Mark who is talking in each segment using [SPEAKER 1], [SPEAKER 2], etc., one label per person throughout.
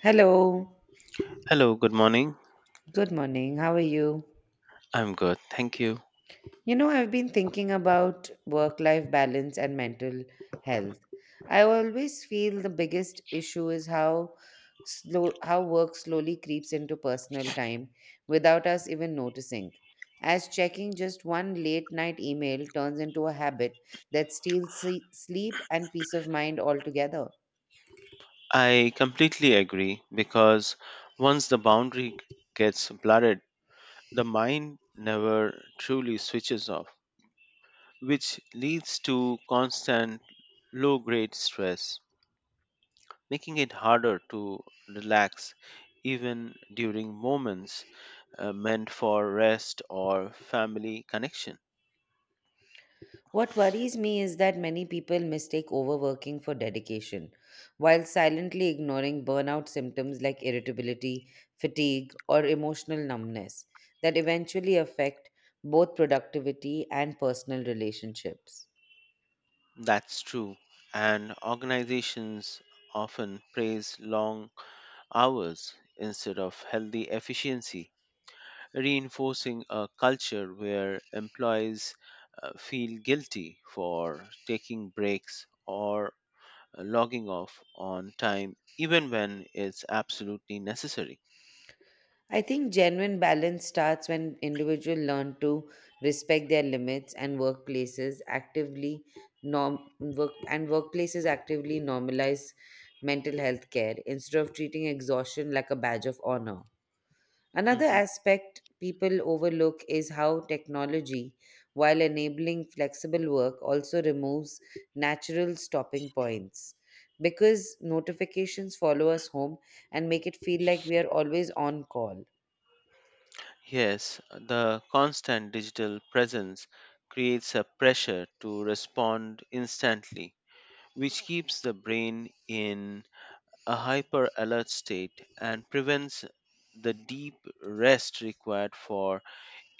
[SPEAKER 1] Hello,
[SPEAKER 2] Hello, good morning.
[SPEAKER 1] good morning. How are you?
[SPEAKER 2] I'm good, thank you.
[SPEAKER 1] I've been thinking about work life balance and mental health. I always feel the biggest issue is how slow how work slowly creeps into personal time without us even noticing. As checking just one late night email turns into a habit that steals sleep and peace of mind altogether.
[SPEAKER 2] I completely agree because once the boundary gets blurred, the mind never truly switches off, which leads to constant low grade stress, making it harder to relax even during moments meant for rest or family connection.
[SPEAKER 1] What worries me is that many people mistake overworking for dedication, while silently ignoring burnout symptoms like irritability, fatigue, or emotional numbness that eventually affect both productivity and personal relationships.
[SPEAKER 2] That's true, and organizations often praise long hours instead of healthy efficiency, reinforcing a culture where employees feel guilty for taking breaks or logging off on time even when it's absolutely necessary.
[SPEAKER 1] I think genuine balance starts when individuals learn to respect their limits and workplaces actively normalize mental health care instead of treating exhaustion like a badge of honor. Another
[SPEAKER 2] Mhm.
[SPEAKER 1] aspect people overlook is how technology, while enabling flexible work, also removes natural stopping points. Because notifications follow us home and make it feel like we are always on call.
[SPEAKER 2] Yes, the constant digital presence creates a pressure to respond instantly, which keeps the brain in a hyper alert state and prevents the deep rest required for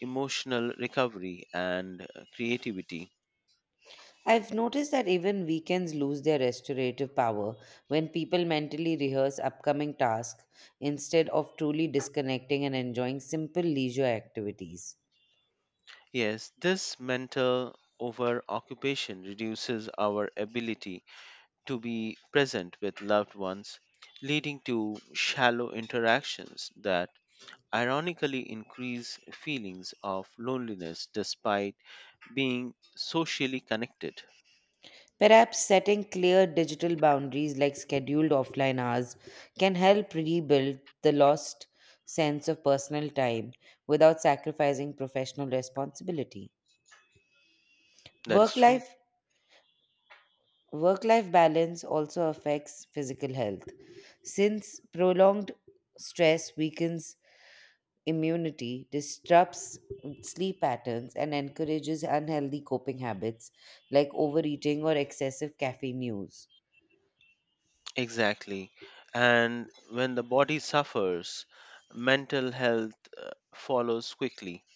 [SPEAKER 2] emotional recovery and creativity.
[SPEAKER 1] I've noticed that even weekends lose their restorative power when people mentally rehearse upcoming tasks instead of truly disconnecting and enjoying simple leisure activities.
[SPEAKER 2] Yes, this mental over occupation reduces our ability to be present with loved ones, leading to shallow interactions that ironically increase feelings of loneliness despite being socially connected.
[SPEAKER 1] Perhaps setting clear digital boundaries like scheduled offline hours can help rebuild the lost sense of personal time without sacrificing professional responsibility.
[SPEAKER 2] That is
[SPEAKER 1] Work
[SPEAKER 2] true.
[SPEAKER 1] life Work life balance also affects physical health. Since prolonged stress weakens immunity, disrupts sleep patterns, and encourages unhealthy coping habits like overeating or excessive caffeine use.
[SPEAKER 2] Exactly. And when the body suffers, mental health follows quickly,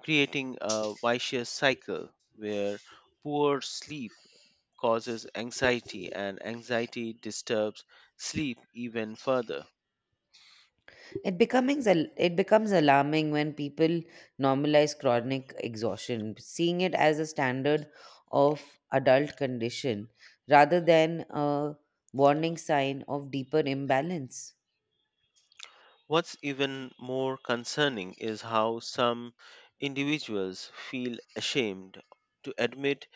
[SPEAKER 2] creating a vicious cycle where poor sleep causes anxiety and anxiety disturbs sleep even further.
[SPEAKER 1] It becomes alarming when people normalize chronic exhaustion, seeing it as a standard of adult condition rather than a warning sign of deeper imbalance.
[SPEAKER 2] What's even more concerning is how some individuals feel ashamed to admit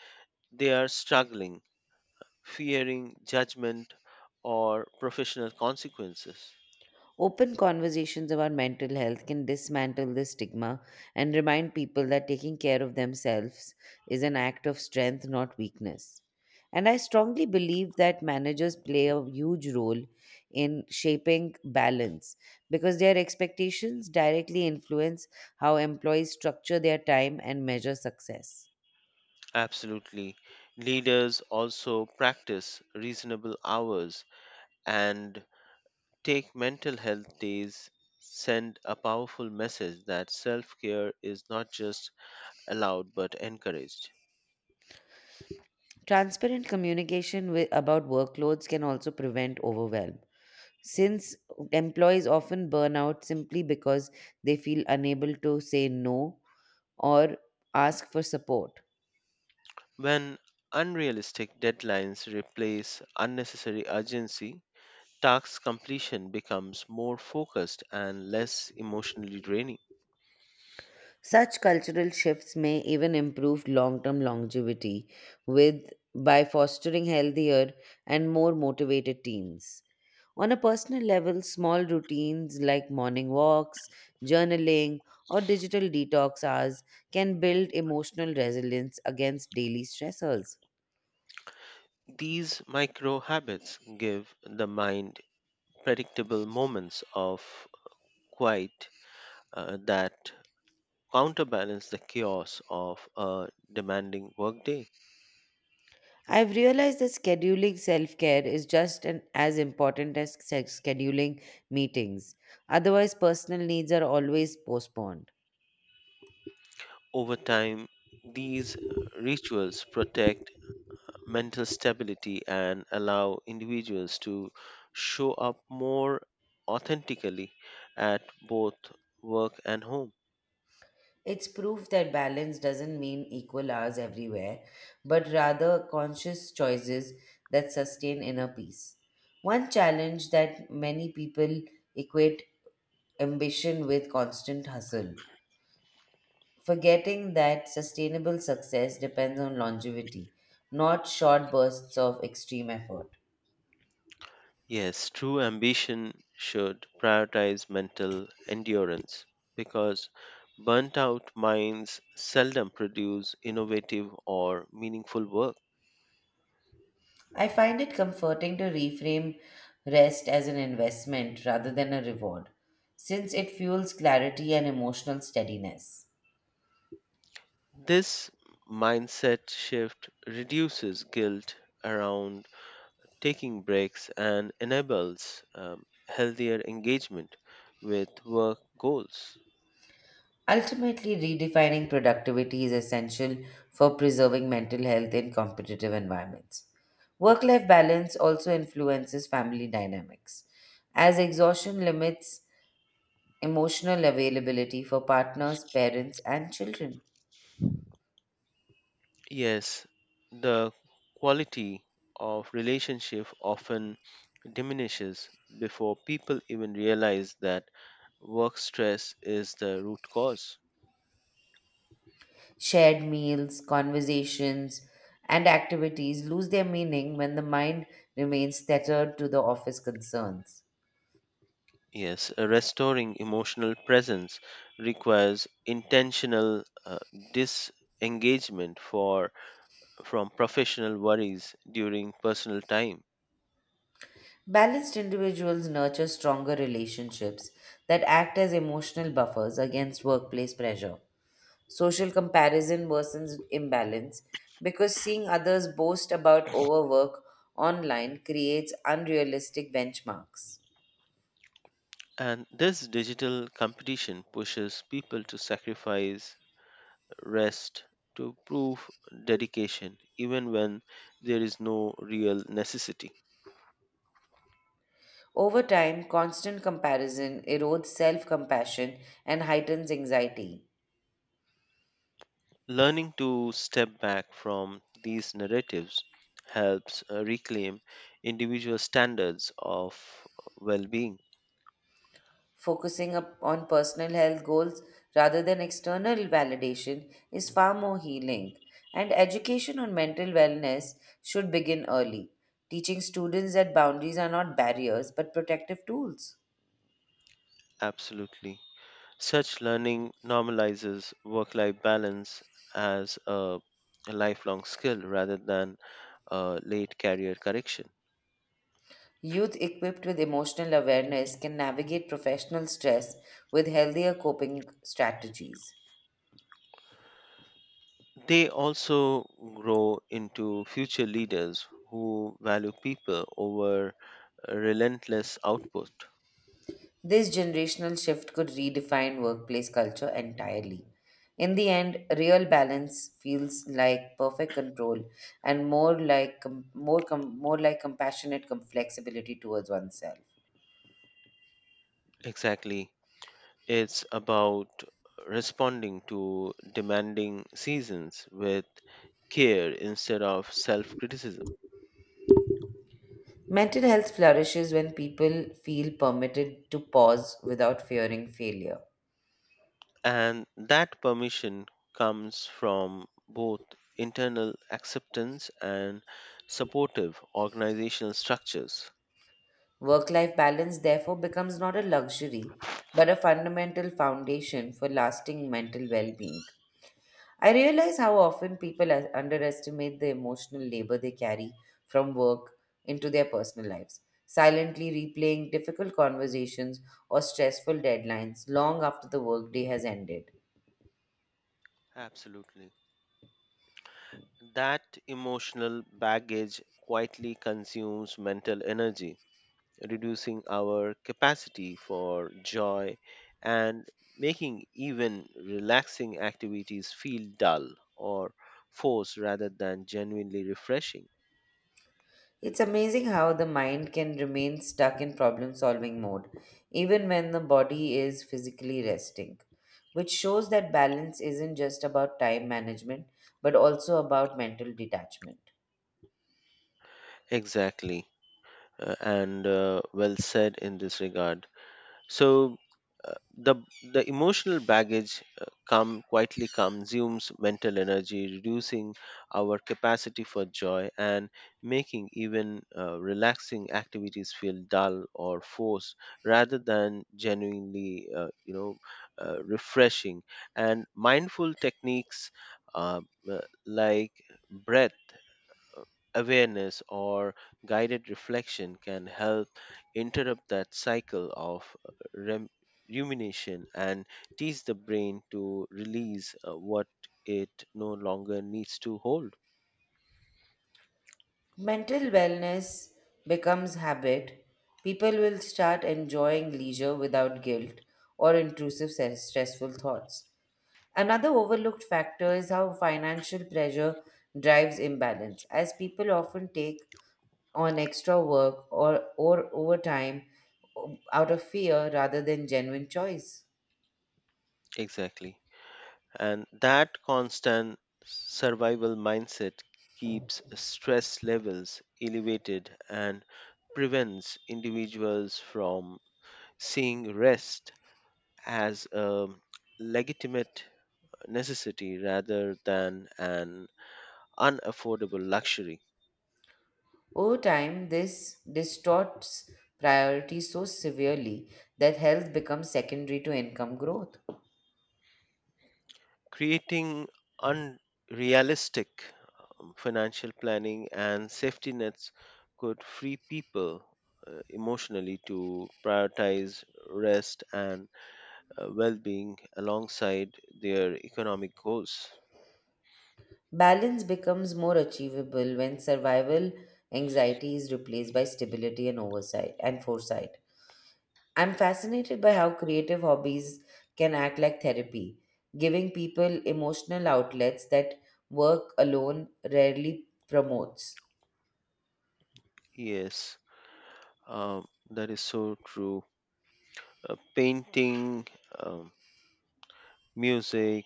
[SPEAKER 2] they are struggling, fearing judgment or professional consequences.
[SPEAKER 1] Open conversations about mental health can dismantle this stigma and remind people that taking care of themselves is an act of strength, not weakness. And I strongly believe that managers play a huge role in shaping balance because their expectations directly influence how employees structure their time and measure success.
[SPEAKER 2] Absolutely. Leaders also practice reasonable hours and take mental health days, send a powerful message that self care is not just allowed but encouraged.
[SPEAKER 1] Transparent communication about workloads can also prevent overwhelm. Since employees often burn out simply because they feel unable to say no or ask for support.
[SPEAKER 2] When unrealistic deadlines replace unnecessary urgency, task completion becomes more focused and less emotionally draining.
[SPEAKER 1] Such cultural shifts may even improve long-term longevity with by fostering healthier and more motivated teams. On a personal level, small routines like morning walks, journaling, or digital detox hours can build emotional resilience against daily stressors.
[SPEAKER 2] These micro habits give the mind predictable moments of quiet that counterbalance the chaos of a demanding workday.
[SPEAKER 1] I've realized that scheduling self care is just as important as scheduling meetings. Otherwise, personal needs are always postponed.
[SPEAKER 2] Over time, these rituals protect mental stability and allow individuals to show up more authentically at both work and home.
[SPEAKER 1] It's proof that balance doesn't mean equal hours everywhere, but rather conscious choices that sustain inner peace. One challenge that many people equate ambition with constant hustle forgetting that sustainable success depends on longevity, not short bursts of extreme effort.
[SPEAKER 2] Yes, true ambition should prioritize mental endurance because burnt out minds seldom produce innovative or meaningful work.
[SPEAKER 1] I find it comforting to reframe rest as an investment rather than a reward, since it fuels clarity and emotional steadiness.
[SPEAKER 2] This mindset shift reduces guilt around taking breaks and enables healthier engagement with work goals.
[SPEAKER 1] Ultimately, redefining productivity is essential for preserving mental health in competitive environments. Work life balance also influences family dynamics, as exhaustion limits emotional availability for partners, parents, and children.
[SPEAKER 2] Yes, the quality of relationship often diminishes before people even realize that work stress is the root cause.
[SPEAKER 1] Shared meals, conversations, and activities lose their meaning when the mind remains tethered to the office concerns.
[SPEAKER 2] Yes, restoring emotional presence requires intentional disengagement for from professional worries during personal time.
[SPEAKER 1] Balanced individuals nurture stronger relationships that act as emotional buffers against workplace pressure. Social comparison worsens imbalance because seeing others boast about overwork online creates unrealistic benchmarks.
[SPEAKER 2] And this digital competition pushes people to sacrifice rest to prove dedication even when there is no real necessity.
[SPEAKER 1] Over time, constant comparison erodes self compassion and heightens anxiety.
[SPEAKER 2] Learning to step back from these narratives helps reclaim individual standards of well being.
[SPEAKER 1] Focusing up on personal health goals rather than external validation is far more healing, and education on mental wellness should begin early, teaching students that boundaries are not barriers but protective tools.
[SPEAKER 2] Absolutely. Such learning normalizes work life balance as a lifelong skill rather than a late career correction.
[SPEAKER 1] Youth equipped with emotional awareness can navigate professional stress with healthier coping strategies.
[SPEAKER 2] They also grow into future leaders who value people over relentless output.
[SPEAKER 1] This generational shift could redefine workplace culture entirely. In the end, real balance feels like perfect control and more like compassionate flexibility towards oneself.
[SPEAKER 2] Exactly. It's about responding to demanding seasons with care instead of self criticism.
[SPEAKER 1] Mental health flourishes when people feel permitted to pause without fearing failure.
[SPEAKER 2] And that permission comes from both internal acceptance and supportive organizational structures.
[SPEAKER 1] Work life balance, therefore, becomes not a luxury, but a fundamental foundation for lasting mental well being. I realize how often people underestimate the emotional labor they carry from work into their personal lives, silently replaying difficult conversations or stressful deadlines long after the workday has ended.
[SPEAKER 2] Absolutely. That emotional baggage quietly consumes mental energy, reducing our capacity for joy and making even relaxing activities feel dull or forced rather than genuinely refreshing.
[SPEAKER 1] It's amazing how the mind can remain stuck in problem solving mode, even when the body is physically resting, which shows that balance isn't just about time management but also about mental detachment.
[SPEAKER 2] Exactly. And well said in this regard. So the emotional baggage come quietly consumes mental energy, reducing our capacity for joy and making even relaxing activities feel dull or forced rather than genuinely, refreshing. And mindful techniques uh, uh, like breath awareness or guided reflection can help interrupt that cycle of rumination and teach the brain to release what it no longer needs to hold.
[SPEAKER 1] Mental wellness becomes habit. People will start enjoying leisure without guilt or intrusive stressful thoughts. Another overlooked factor is how financial pressure drives imbalance, as people often take on extra work or overtime uh, out of fear rather than genuine choice.
[SPEAKER 2] Exactly. And that constant survival mindset keeps stress levels elevated and prevents individuals from seeing rest as a legitimate necessity rather than an unaffordable luxury,
[SPEAKER 1] Over time, this distorts priorities so severely that health becomes secondary to income growth.
[SPEAKER 2] creating unrealistic financial planning. And safety nets could free people emotionally to prioritize rest and well-being alongside their economic goals.
[SPEAKER 1] Balance becomes more achievable when survival anxiety is replaced by stability and oversight and foresight. I'm fascinated by how creative hobbies can act like therapy, giving people emotional outlets that work alone rarely promotes.
[SPEAKER 2] Yes, um, that is so true. Painting, um, music,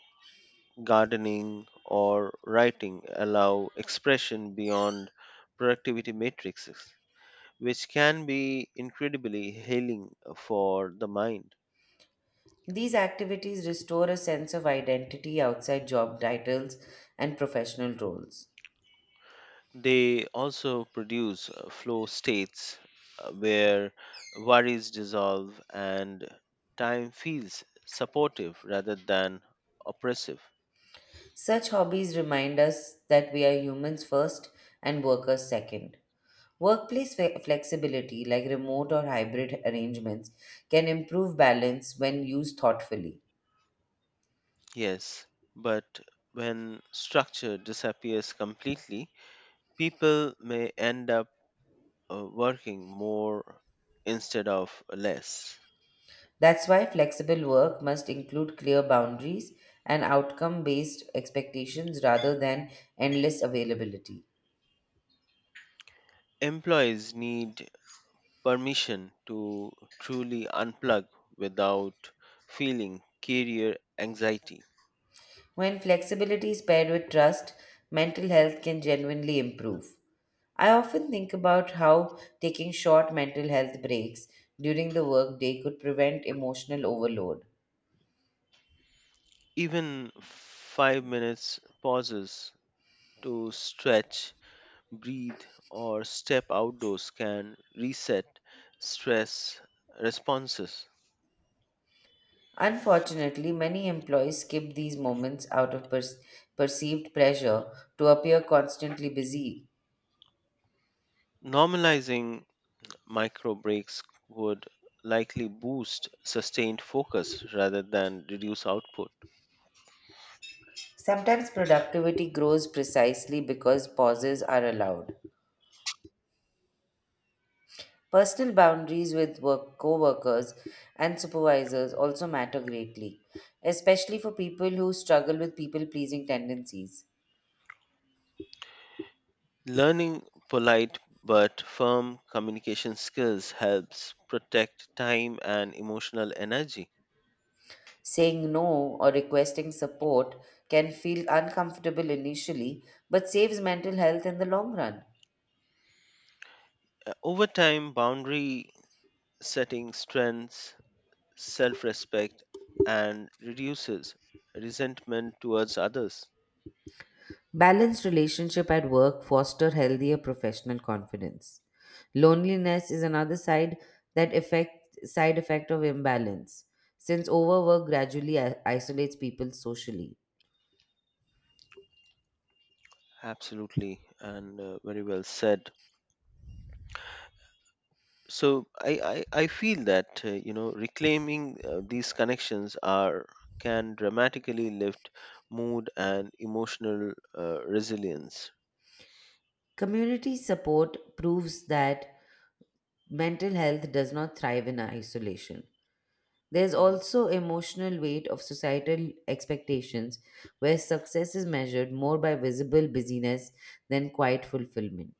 [SPEAKER 2] gardening, or writing allow expression beyond productivity matrices, which can be incredibly healing for the mind.
[SPEAKER 1] These activities restore a sense of identity outside job titles and professional roles.
[SPEAKER 2] They also produce flow states where worries dissolve and time feels supportive rather than oppressive.
[SPEAKER 1] Such hobbies remind us that we are humans first and workers second. Workplace flexibility, like remote or hybrid arrangements, can improve balance when used thoughtfully.
[SPEAKER 2] Yes, but when structure disappears completely, people may end up working more instead of less.
[SPEAKER 1] That's why flexible work must include clear boundaries and outcome based expectations rather than endless availability.
[SPEAKER 2] Employees need permission to truly unplug without feeling career anxiety.
[SPEAKER 1] When flexibility is paired with trust, mental health can genuinely improve. I often think about how taking short mental health breaks during the workday could prevent emotional overload.
[SPEAKER 2] Even 5 minutes pauses to stretch, breathe, or step outdoors can reset stress responses.
[SPEAKER 1] Unfortunately, many employees skip these moments out of perceived pressure to appear constantly busy.
[SPEAKER 2] Normalizing micro breaks would likely boost sustained focus rather than reduce output.
[SPEAKER 1] Sometimes productivity grows precisely because pauses are allowed. Personal boundaries with work co-workers and supervisors also matter greatly, especially for people who struggle with people-pleasing tendencies.
[SPEAKER 2] Learning polite but firm communication skills helps protect time and emotional energy.
[SPEAKER 1] Saying no or requesting support can feel uncomfortable initially, but saves mental health in the long run.
[SPEAKER 2] Over time, boundary setting strengthens self respect and reduces resentment towards others.
[SPEAKER 1] Balanced relationship at work foster healthier professional confidence. Loneliness is another side that effect side effect of imbalance, since overwork gradually isolates people socially.
[SPEAKER 2] Absolutely, and very well said. So I feel that reclaiming these connections are can dramatically lift mood and emotional resilience.
[SPEAKER 1] Community support proves that mental health does not thrive in isolation. There's
[SPEAKER 2] Mhm.
[SPEAKER 1] also emotional weight of societal expectations where success is measured more by visible busyness than quiet fulfillment.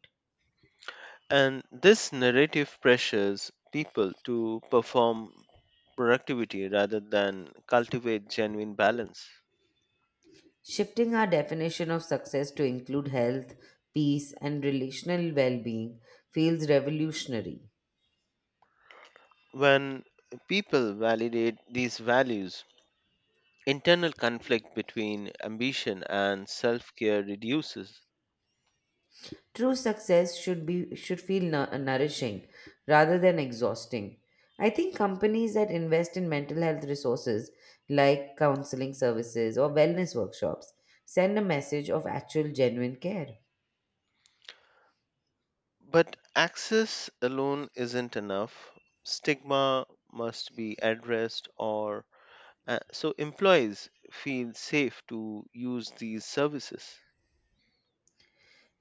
[SPEAKER 2] And this narrative pressures people to perform productivity rather than cultivate genuine balance.
[SPEAKER 1] Shifting our definition of success to include health, peace, and relational well being feels revolutionary.
[SPEAKER 2] When people validate these values, internal conflict between ambition and self-care reduces.
[SPEAKER 1] True success should feel nourishing rather than exhausting. I think companies that invest in mental health resources like counseling services or wellness workshops send a message of actual genuine care.
[SPEAKER 2] But access alone isn't enough. Stigma must be addressed, or so employees feel safe to use these services.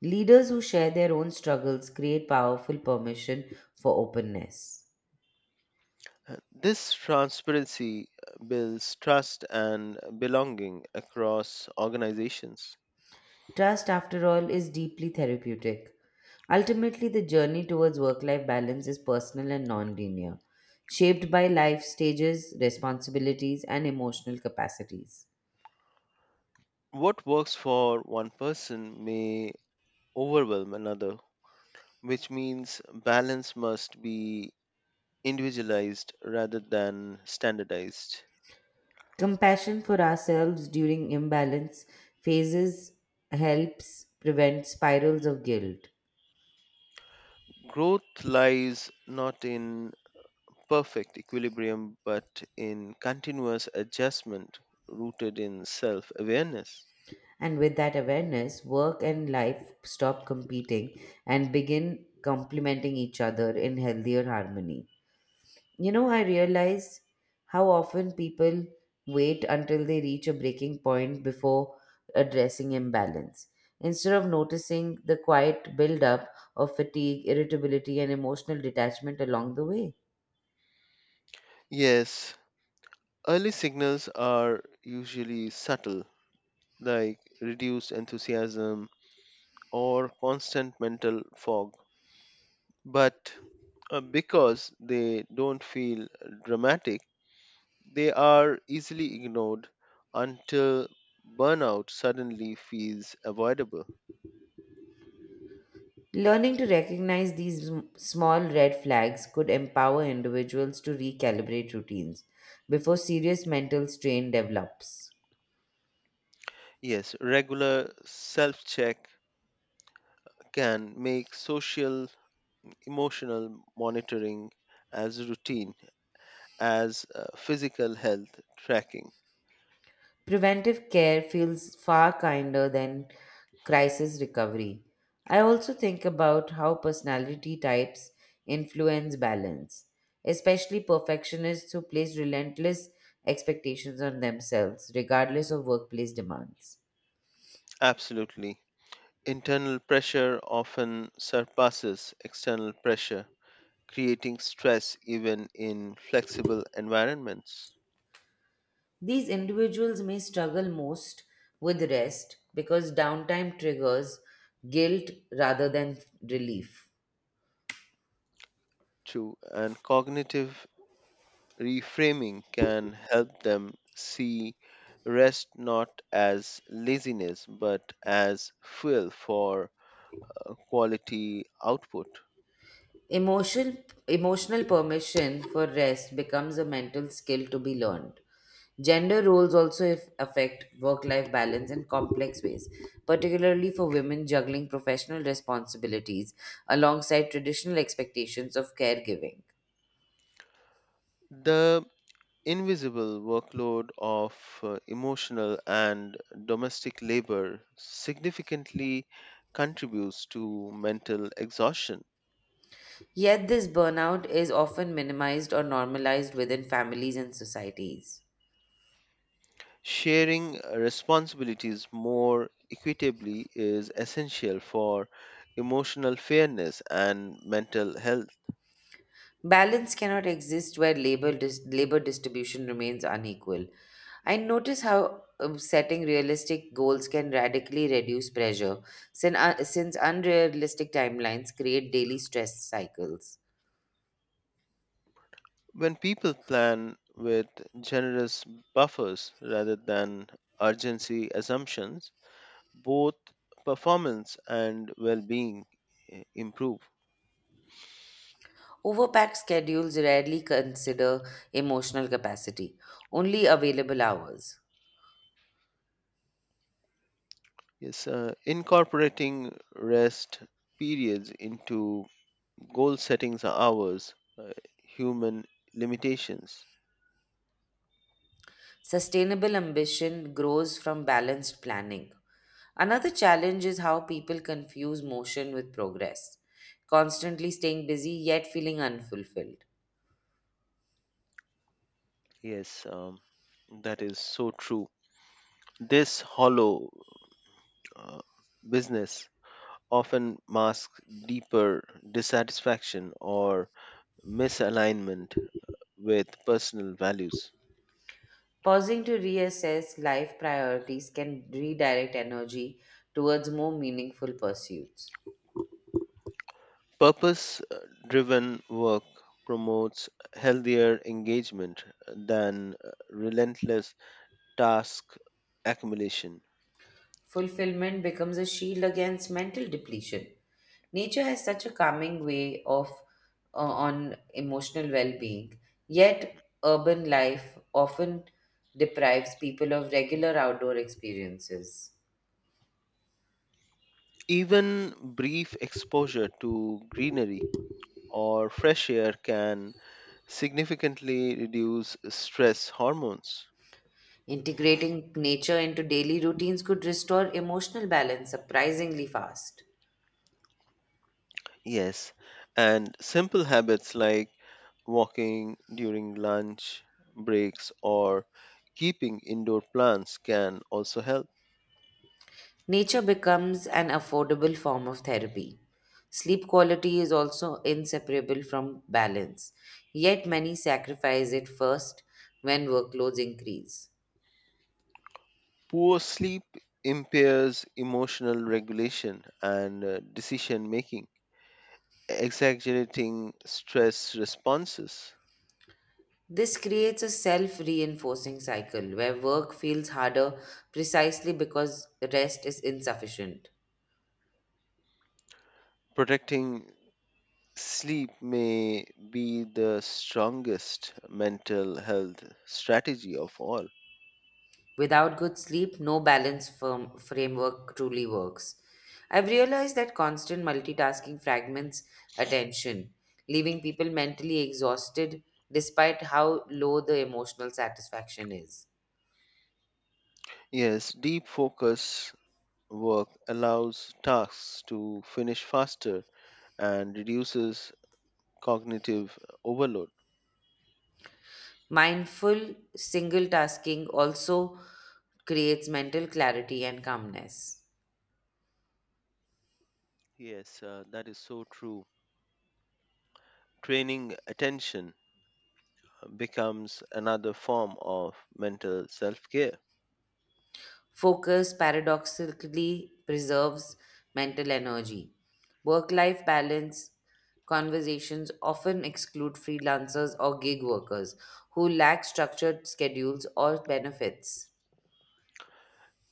[SPEAKER 1] Leaders who share their own struggles create powerful permission for openness.
[SPEAKER 2] This transparency builds trust and belonging across organizations.
[SPEAKER 1] Trust, after all, is deeply therapeutic. Ultimately, the journey towards work life balance is personal and non linear, shaped by life stages, responsibilities, and emotional capacities.
[SPEAKER 2] What works for one person may overwhelm another, which means balance must be individualized rather than standardized.
[SPEAKER 1] Compassion for ourselves during imbalance phases helps prevent spirals of guilt.
[SPEAKER 2] Growth lies not in perfect equilibrium, but in continuous adjustment rooted in self awareness.
[SPEAKER 1] And with that awareness, work and life stop competing and begin complementing each other in healthier harmony. I realize how often people wait until they reach a breaking point before addressing imbalance. Instead of noticing the quiet buildup of fatigue, irritability, and emotional detachment along the way,
[SPEAKER 2] Yes, early signals are usually subtle, like reduced enthusiasm or constant mental fog. But because they don't feel dramatic, they are easily ignored until burnout suddenly feels avoidable.
[SPEAKER 1] learning to recognize these small red flags could empower individuals to recalibrate routines before serious mental strain develops.
[SPEAKER 2] Yes, regular self check can make social emotional monitoring as routine as physical health tracking.
[SPEAKER 1] Preventive care feels far kinder than crisis recovery. I also think about how personality types influence balance, especially perfectionists who place relentless expectations on themselves, regardless of workplace demands.
[SPEAKER 2] Absolutely. Internal pressure often surpasses external pressure, creating stress even in flexible environments.
[SPEAKER 1] These individuals may struggle most with rest because downtime triggers guilt rather than relief.
[SPEAKER 2] True. And cognitive reframing can help them see rest not as laziness but as fuel for quality output.
[SPEAKER 1] Emotional, emotional permission for rest becomes a mental skill to be learned. Gender roles also affect work life balance in complex ways, particularly for women juggling professional responsibilities alongside traditional expectations of caregiving.
[SPEAKER 2] The invisible workload of emotional and domestic labor significantly contributes to mental exhaustion.
[SPEAKER 1] Yet, this burnout is often minimized or normalized within families and societies.
[SPEAKER 2] Sharing responsibilities more equitably is essential for emotional fairness and mental health.
[SPEAKER 1] Balance cannot exist where labor distribution remains unequal. I notice how setting realistic goals can radically reduce pressure, since unrealistic timelines create daily stress cycles.
[SPEAKER 2] When people plan with generous buffers rather than urgency assumptions, both performance and well being improve.
[SPEAKER 1] Overpacked schedules rarely consider emotional capacity, only available hours.
[SPEAKER 2] Yes, incorporating rest periods into goal settings hours, human limitations.
[SPEAKER 1] Sustainable ambition grows from balanced planning. Another challenge is how people confuse motion with progress, constantly staying busy yet feeling unfulfilled.
[SPEAKER 2] Yes, that is so true. This hollow uh, business often masks deeper dissatisfaction or misalignment with personal values.
[SPEAKER 1] Pausing to reassess life priorities can redirect energy towards more meaningful pursuits.
[SPEAKER 2] Purpose driven work promotes healthier engagement than relentless task accumulation.
[SPEAKER 1] Fulfillment becomes a shield against mental depletion. Nature has such a calming way of on emotional well-being. Yet urban life often deprives people of regular outdoor experiences.
[SPEAKER 2] Even brief exposure to greenery or fresh air can significantly reduce stress hormones.
[SPEAKER 1] Integrating nature into daily routines could restore emotional balance surprisingly fast.
[SPEAKER 2] Yes, and simple habits like walking during lunch breaks or keeping indoor plants can also help.
[SPEAKER 1] Nature becomes an affordable form of therapy. Sleep quality is also inseparable from balance, yet, many sacrifice it first when workloads increase.
[SPEAKER 2] Poor sleep impairs emotional regulation and decision making, exaggerating stress responses.
[SPEAKER 1] This creates a self reinforcing cycle where work feels harder precisely because rest is insufficient.
[SPEAKER 2] Protecting sleep may be the strongest mental health strategy of all.
[SPEAKER 1] Without good sleep, no balance firm framework truly works. I've realized that constant multitasking fragments attention, leaving people mentally exhausted despite how low the emotional satisfaction is.
[SPEAKER 2] Yes, deep focus work allows tasks to finish faster and reduces cognitive overload.
[SPEAKER 1] Mindful single tasking also creates mental clarity and calmness.
[SPEAKER 2] Yes, that is so true. Training attention becomes another form of mental self care.
[SPEAKER 1] Focus paradoxically preserves mental energy. Work life balance conversations often exclude freelancers or gig workers who lack structured schedules or benefits.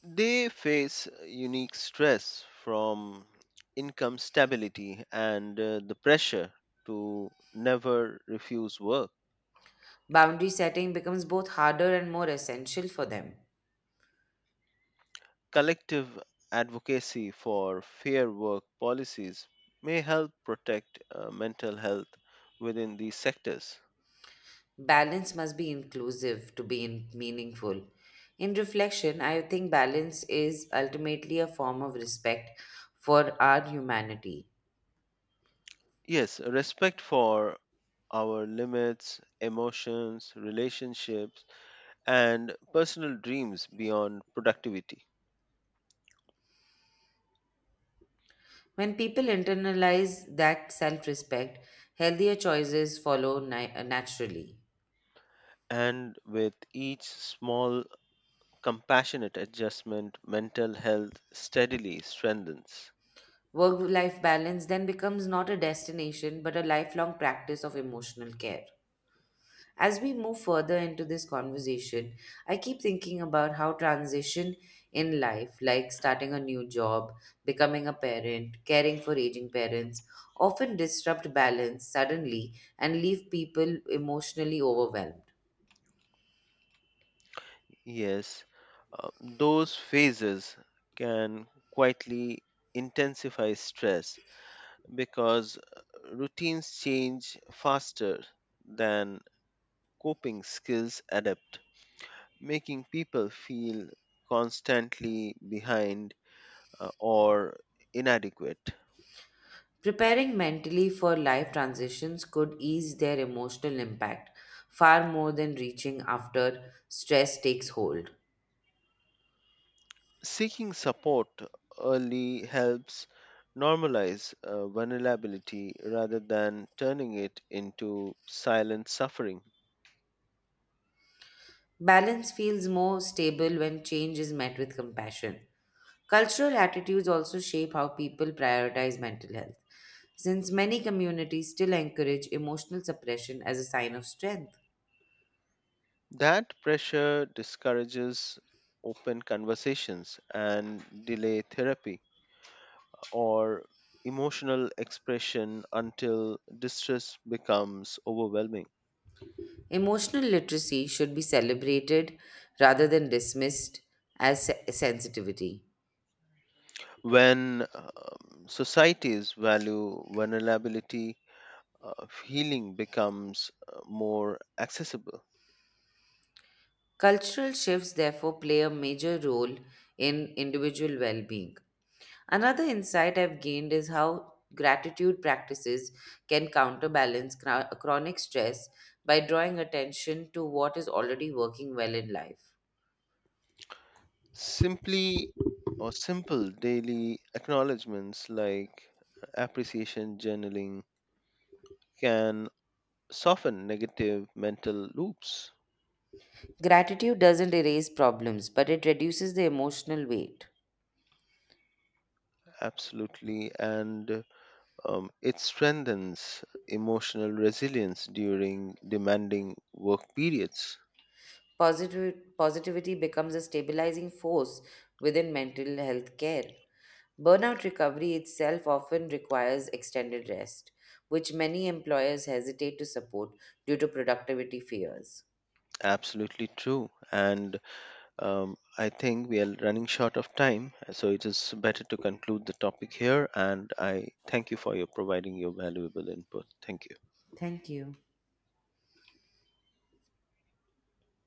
[SPEAKER 2] They face unique stress from income stability and the pressure to never refuse work.
[SPEAKER 1] Boundary setting becomes both harder and more essential for them.
[SPEAKER 2] Collective advocacy for fair work policies may help protect mental health within these sectors.
[SPEAKER 1] Balance must be inclusive to be meaningful. In reflection, I think balance is ultimately a form of respect for our humanity.
[SPEAKER 2] Yes, respect for our limits, emotions, relationships, and personal dreams beyond productivity.
[SPEAKER 1] When people internalize that self respect, healthier choices follow naturally.
[SPEAKER 2] And with each small compassionate adjustment, mental health steadily strengthens.
[SPEAKER 1] Work life balance then becomes not a destination but a lifelong practice of emotional care. As we move further into this conversation, I keep thinking about how transition in life, like starting a new job, becoming a parent, caring for aging parents, often disrupt balance suddenly and leave people emotionally overwhelmed.
[SPEAKER 2] Yes, those phases can quietly intensify stress because routines change faster than coping skills adapt, making people feel constantly behind or inadequate.
[SPEAKER 1] Preparing mentally for life transitions could ease their emotional impact far more than reaching after stress takes hold.
[SPEAKER 2] Seeking support early helps normalize vulnerability rather than turning it into silent suffering.
[SPEAKER 1] Balance feels more stable when change is met with compassion. Cultural attitudes also shape how people prioritize mental health, since many communities still encourage emotional suppression as a sign of strength.
[SPEAKER 2] That pressure discourages open conversations and delay therapy or emotional expression until distress becomes overwhelming.
[SPEAKER 1] Emotional literacy should be celebrated rather than dismissed as sensitivity.
[SPEAKER 2] When societies value vulnerability, healing becomes more accessible.
[SPEAKER 1] Cultural shifts therefore play a major role in individual well being. Another insight I've gained is how gratitude practices can counterbalance chronic stress by drawing attention to what is already working well in life.
[SPEAKER 2] Simply or simple daily acknowledgments like appreciation journaling can soften negative mental loops.
[SPEAKER 1] Gratitude doesn't erase problems, but it reduces the emotional weight.
[SPEAKER 2] Absolutely, and it strengthens emotional resilience during demanding work periods.
[SPEAKER 1] Positivity becomes a stabilizing force within mental health care. Burnout recovery itself often requires extended rest, which many employers hesitate to support due to productivity fears.
[SPEAKER 2] Absolutely true, and I think we are running short of time, so it is better to conclude the topic here, and I thank you for your providing your valuable input. Thank you.
[SPEAKER 1] Thank you.